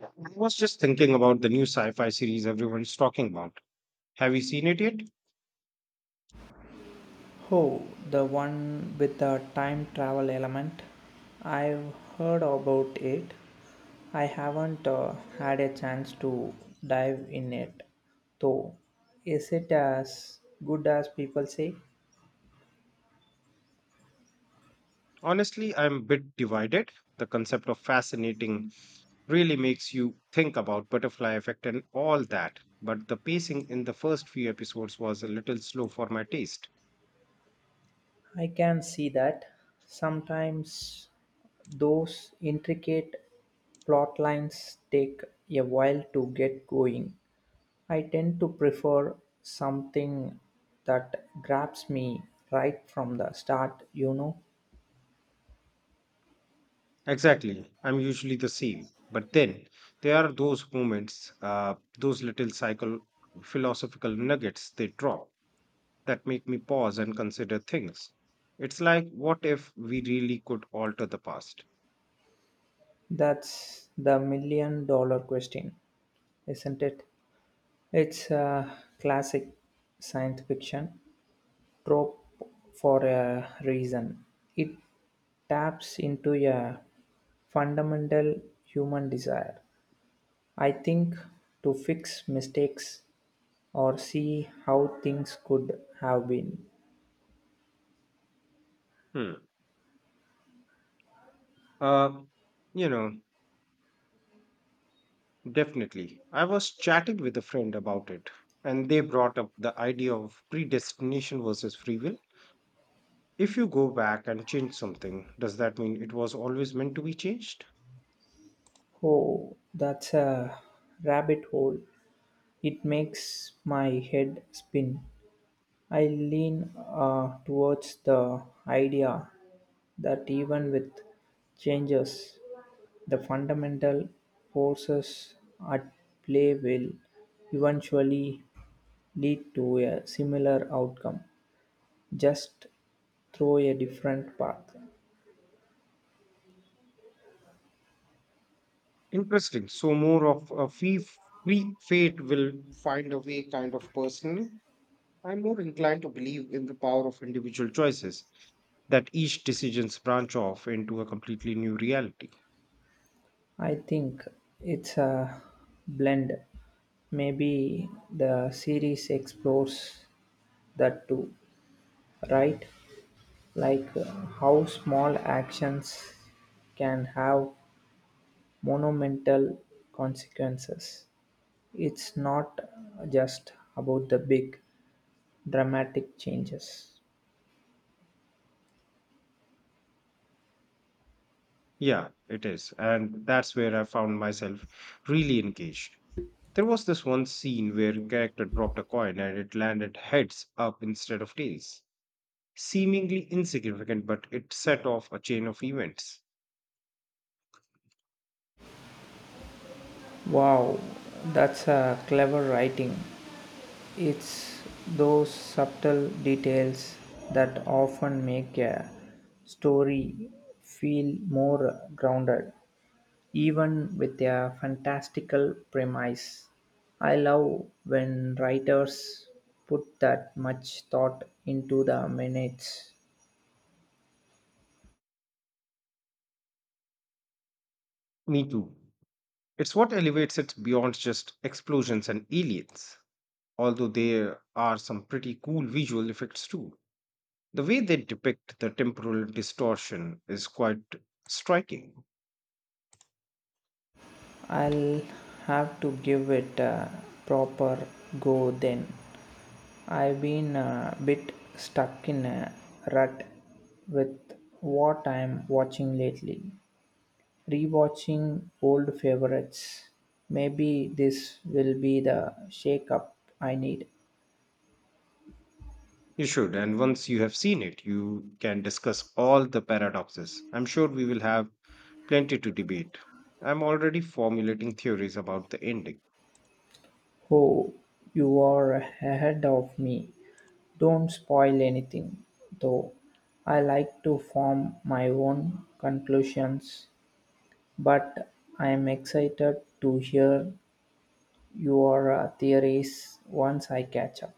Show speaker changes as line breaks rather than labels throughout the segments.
I was just thinking about the new sci fi series everyone's talking about. Have you seen it yet?
Oh, the one with the time travel element. I've heard about it. I haven't had a chance to dive in it, though. Is it as good as people say?
Honestly, I'm a bit divided. The concept of fascinating really makes you think about butterfly effect and all that, but the pacing in the first few episodes was a little slow for my taste.
I can see that. Sometimes those intricate plot lines take a while to get going. I tend to prefer something that grabs me right from the start, you know.
Exactly. I'm usually the same. But then there are those moments, those little psycho philosophical nuggets they drop, that make me pause and consider things. It's like, what if we really could alter the past?
That's the million dollar question, isn't it? It's a classic science fiction trope for a reason. It taps into a fundamental human desire, I think, to fix mistakes or see how things could have been.
Hmm. Uh, you know, Definitely. I was chatting with a friend about it, and they brought up the idea of predestination versus free will. If you go back and change something, does that mean it was always meant to be changed?
Oh, that's a rabbit hole. It makes my head spin. I lean towards the idea that even with changes, the fundamental forces at play will eventually lead to a similar outcome, just through a different path.
Interesting. So, more of a free fate will find a way kind of personal. I'm more inclined to believe in the power of individual choices that each decisions branch off into a completely new reality.
I think it's a blend. Maybe the series explores that too, right? Like, how small actions can have monumental consequences. It's not just about the big dramatic changes.
Yeah, it is. And that's where I found myself really engaged. There was this one scene where a character dropped a coin and it landed heads up instead of tails. Seemingly insignificant, but it set off a chain of events.
Wow, that's a clever writing. It's those subtle details that often make a story feel more grounded, even with a fantastical premise. I love when writers put that much thought into the minutes.
Me too. It's what elevates it beyond just explosions and aliens, although there are some pretty cool visual effects too. The way they depict the temporal distortion is quite striking.
I'll have to give it a proper go then. I've been a bit stuck in a rut with what I'm watching lately. Rewatching old favorites. Maybe this will be the shake up I need.
You should, and once you have seen it, you can discuss all the paradoxes. I'm sure we will have plenty to debate. I'm already formulating theories about the ending.
Oh, you are ahead of me. Don't spoil anything, though. I like to form my own conclusions, but I am excited to hear your theories once I catch up.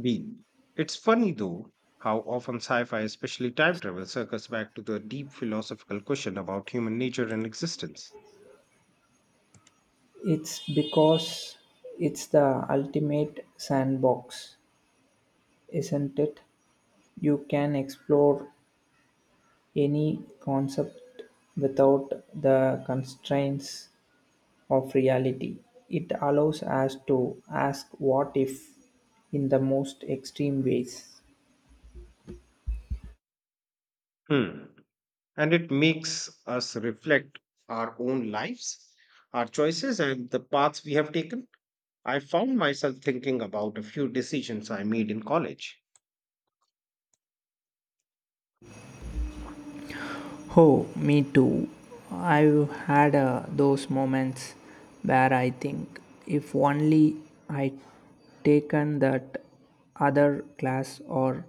Deal. It's funny though how often sci fi, especially time travel, circles back to the deep philosophical question about human nature and existence.
It's because it's the ultimate sandbox, isn't it? You can explore any concept without the constraints of reality. It allows us to ask what if in the most extreme ways.
Hmm. And it makes us reflect our own lives, our choices, and the paths we have taken. I found myself thinking about a few decisions I made in college.
Oh, me too. I've had those moments where I think if only I taken that other class or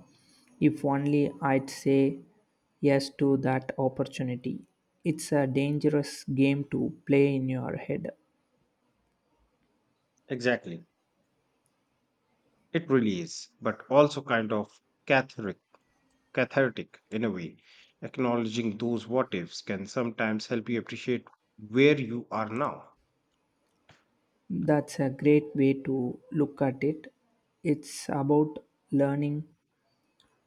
if only I'd say yes to that opportunity. It's a dangerous game to play in your head.
Exactly. It really is, but also kind of cathartic, cathartic in a way. Acknowledging those what ifs can sometimes help you appreciate where you are now.
That's a great way to look at it. It's about learning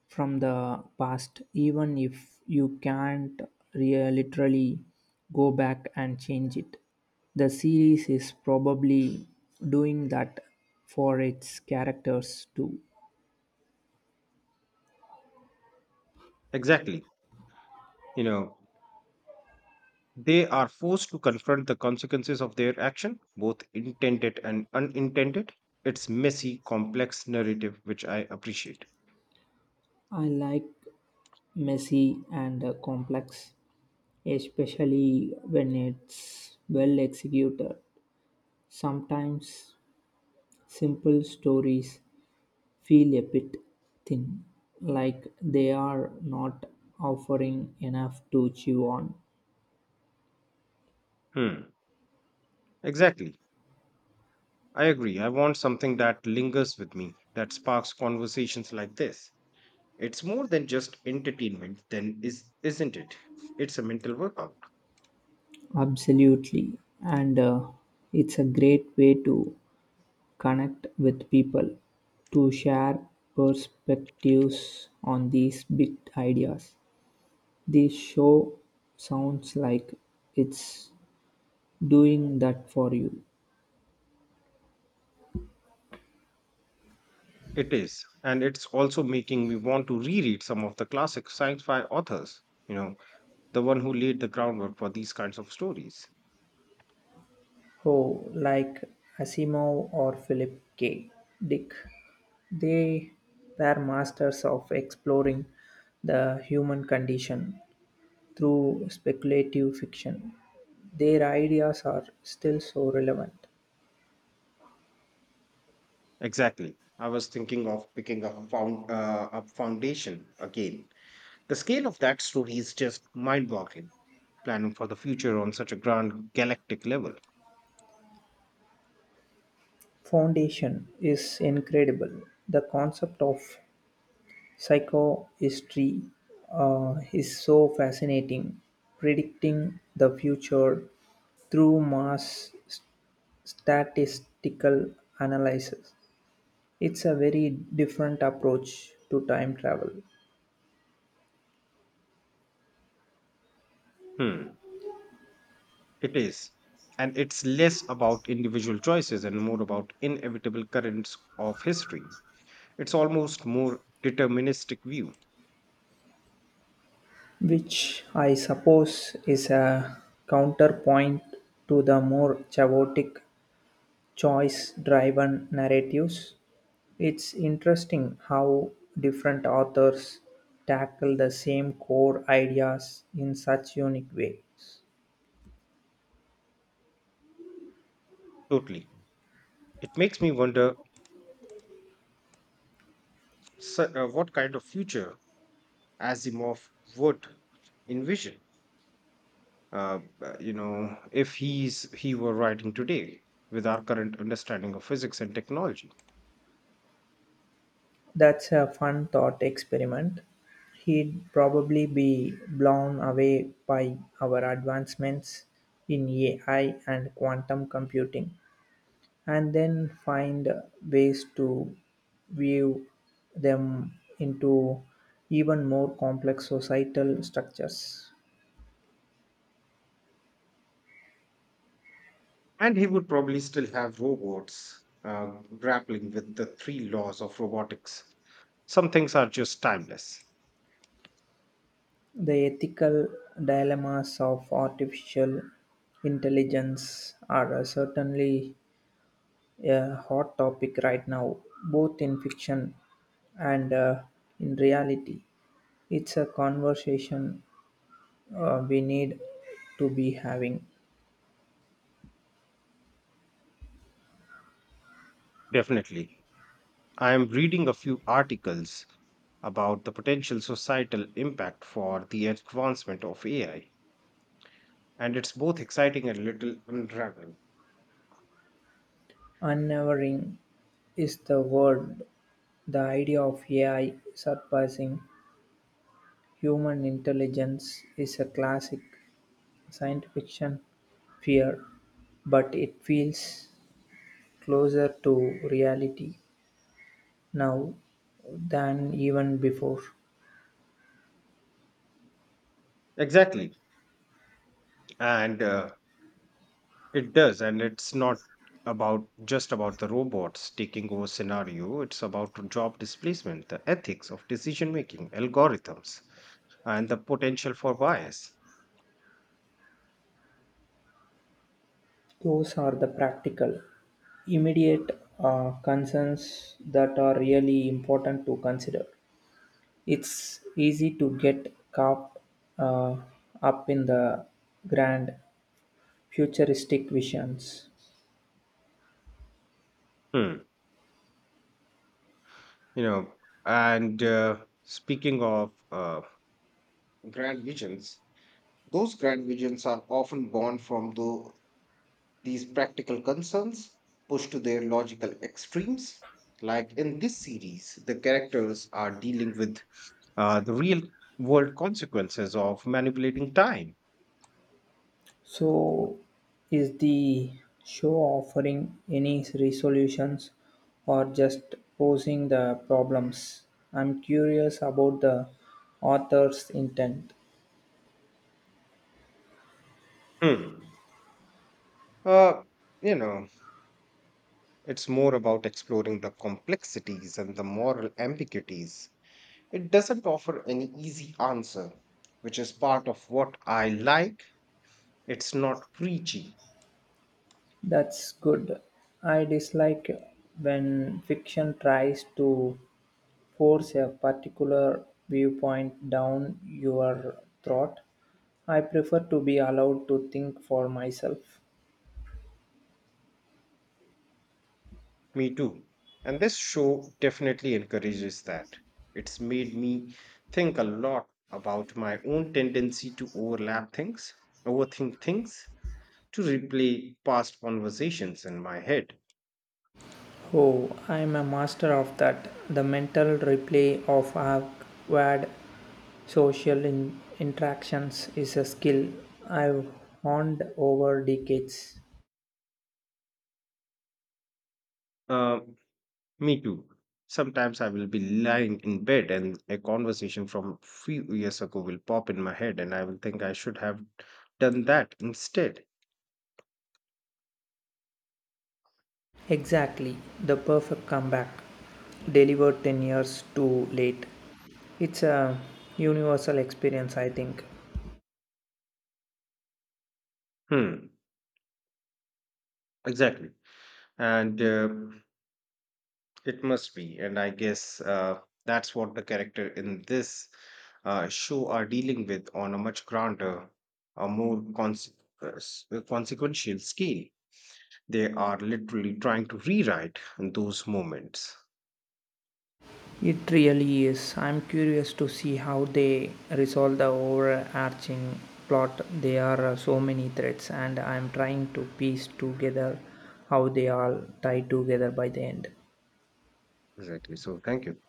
from the past, even if you can't literally go back and change it. The series is probably doing that for its characters too.
Exactly. You know, they are forced to confront the consequences of their action, both intended and unintended. It's messy, complex narrative, which I appreciate.
I like messy and complex, especially when it's well executed. Sometimes simple stories feel a bit thin, like they are not offering enough to chew on.
Hmm. Exactly. I agree. I want something that lingers with me, that sparks conversations like this. It's more than just entertainment, then is isn't it? It's a mental workout.
Absolutely. And it's a great way to connect with people, to share perspectives on these big ideas. This show sounds like it's doing that for you.
It is, and it's also making me want to reread some of the classic sci-fi authors, you know, the one who laid the groundwork for these kinds of stories.
Oh, like Asimov or Philip K. Dick. They were masters of exploring the human condition through speculative fiction. Their ideas are still so relevant.
Exactly. I was thinking of picking up Foundation again. The scale of that story is just mind-boggling, planning for the future on such a grand galactic level.
Foundation is incredible. The concept of Psychohistory is so fascinating. Predicting the future through statistical analysis. It's a very different approach to time travel,
Hmm, it is. And it's less about individual choices and more about inevitable currents of history. It's almost more deterministic view,
which I suppose is a counterpoint to the more chaotic choice driven narratives. It's interesting how different authors tackle the same core ideas in such unique ways.
totally. It makes me wonder what kind of future Asimov would envision. If he were writing today with our current understanding of physics and technology.
That's a fun thought experiment. He'd probably be blown away by our advancements in AI and quantum computing, and then find ways to weave them into even more complex societal structures.
And he would probably still have robots grappling with the three laws of robotics. Some things are just timeless.
The ethical dilemmas of artificial intelligence are certainly a hot topic right now, both in fiction and in reality. It's a conversation we need to be having.
Definitely. I am reading a few articles about the potential societal impact for the advancement of AI, and it's both exciting and a little unraveling.
Unnerving is the word; the idea of Ai surpassing human intelligence is a classic science fiction fear, but it feels closer to reality now than even before.
Exactly. and It does, and it's not about just about the robots taking over scenario. It's about job displacement, the ethics of decision making, algorithms, and the potential for bias.
Those are the practical, immediate concerns that are really important to consider. It's easy to get caught uh, up in the grand futuristic visions.
Hmm. You know, and speaking of grand visions, those grand visions are often born from these practical concerns pushed to their logical extremes. Like in this series, the characters are dealing with the real world consequences of manipulating time.
So, is the show offering any resolutions or just posing the problems? I'm curious about the author's intent.
Hmm. Uh, you know, it's more about exploring the complexities and the moral ambiguities. It doesn't offer an easy answer, which is part of what I like. It's not preachy.
That's good. I dislike when fiction tries to force a particular viewpoint down your throat. I prefer to be allowed to think for myself.
Me too. And this show definitely encourages that. It's made me think a lot about my own tendency to overthink things, to replay past conversations in my head.
Oh, I'm a master of that. The mental replay of awkward social interactions is a skill I've honed over decades.
Uh, Me too. Sometimes I will be lying in bed and a conversation from few years ago will pop in my head and I will think I should have done that instead.
Exactly, the perfect comeback, delivered 10 years too late. It's a universal experience, I think.
Hmm, exactly. And It must be. And I guess that's what the character in this show are dealing with on a much grander, a more consequential scale. They are literally trying to rewrite those moments.
It really is. I'm curious to see how they resolve the overarching plot. There are so many threads, and I'm trying to piece together how they all tie together by the end.
Exactly. So thank you.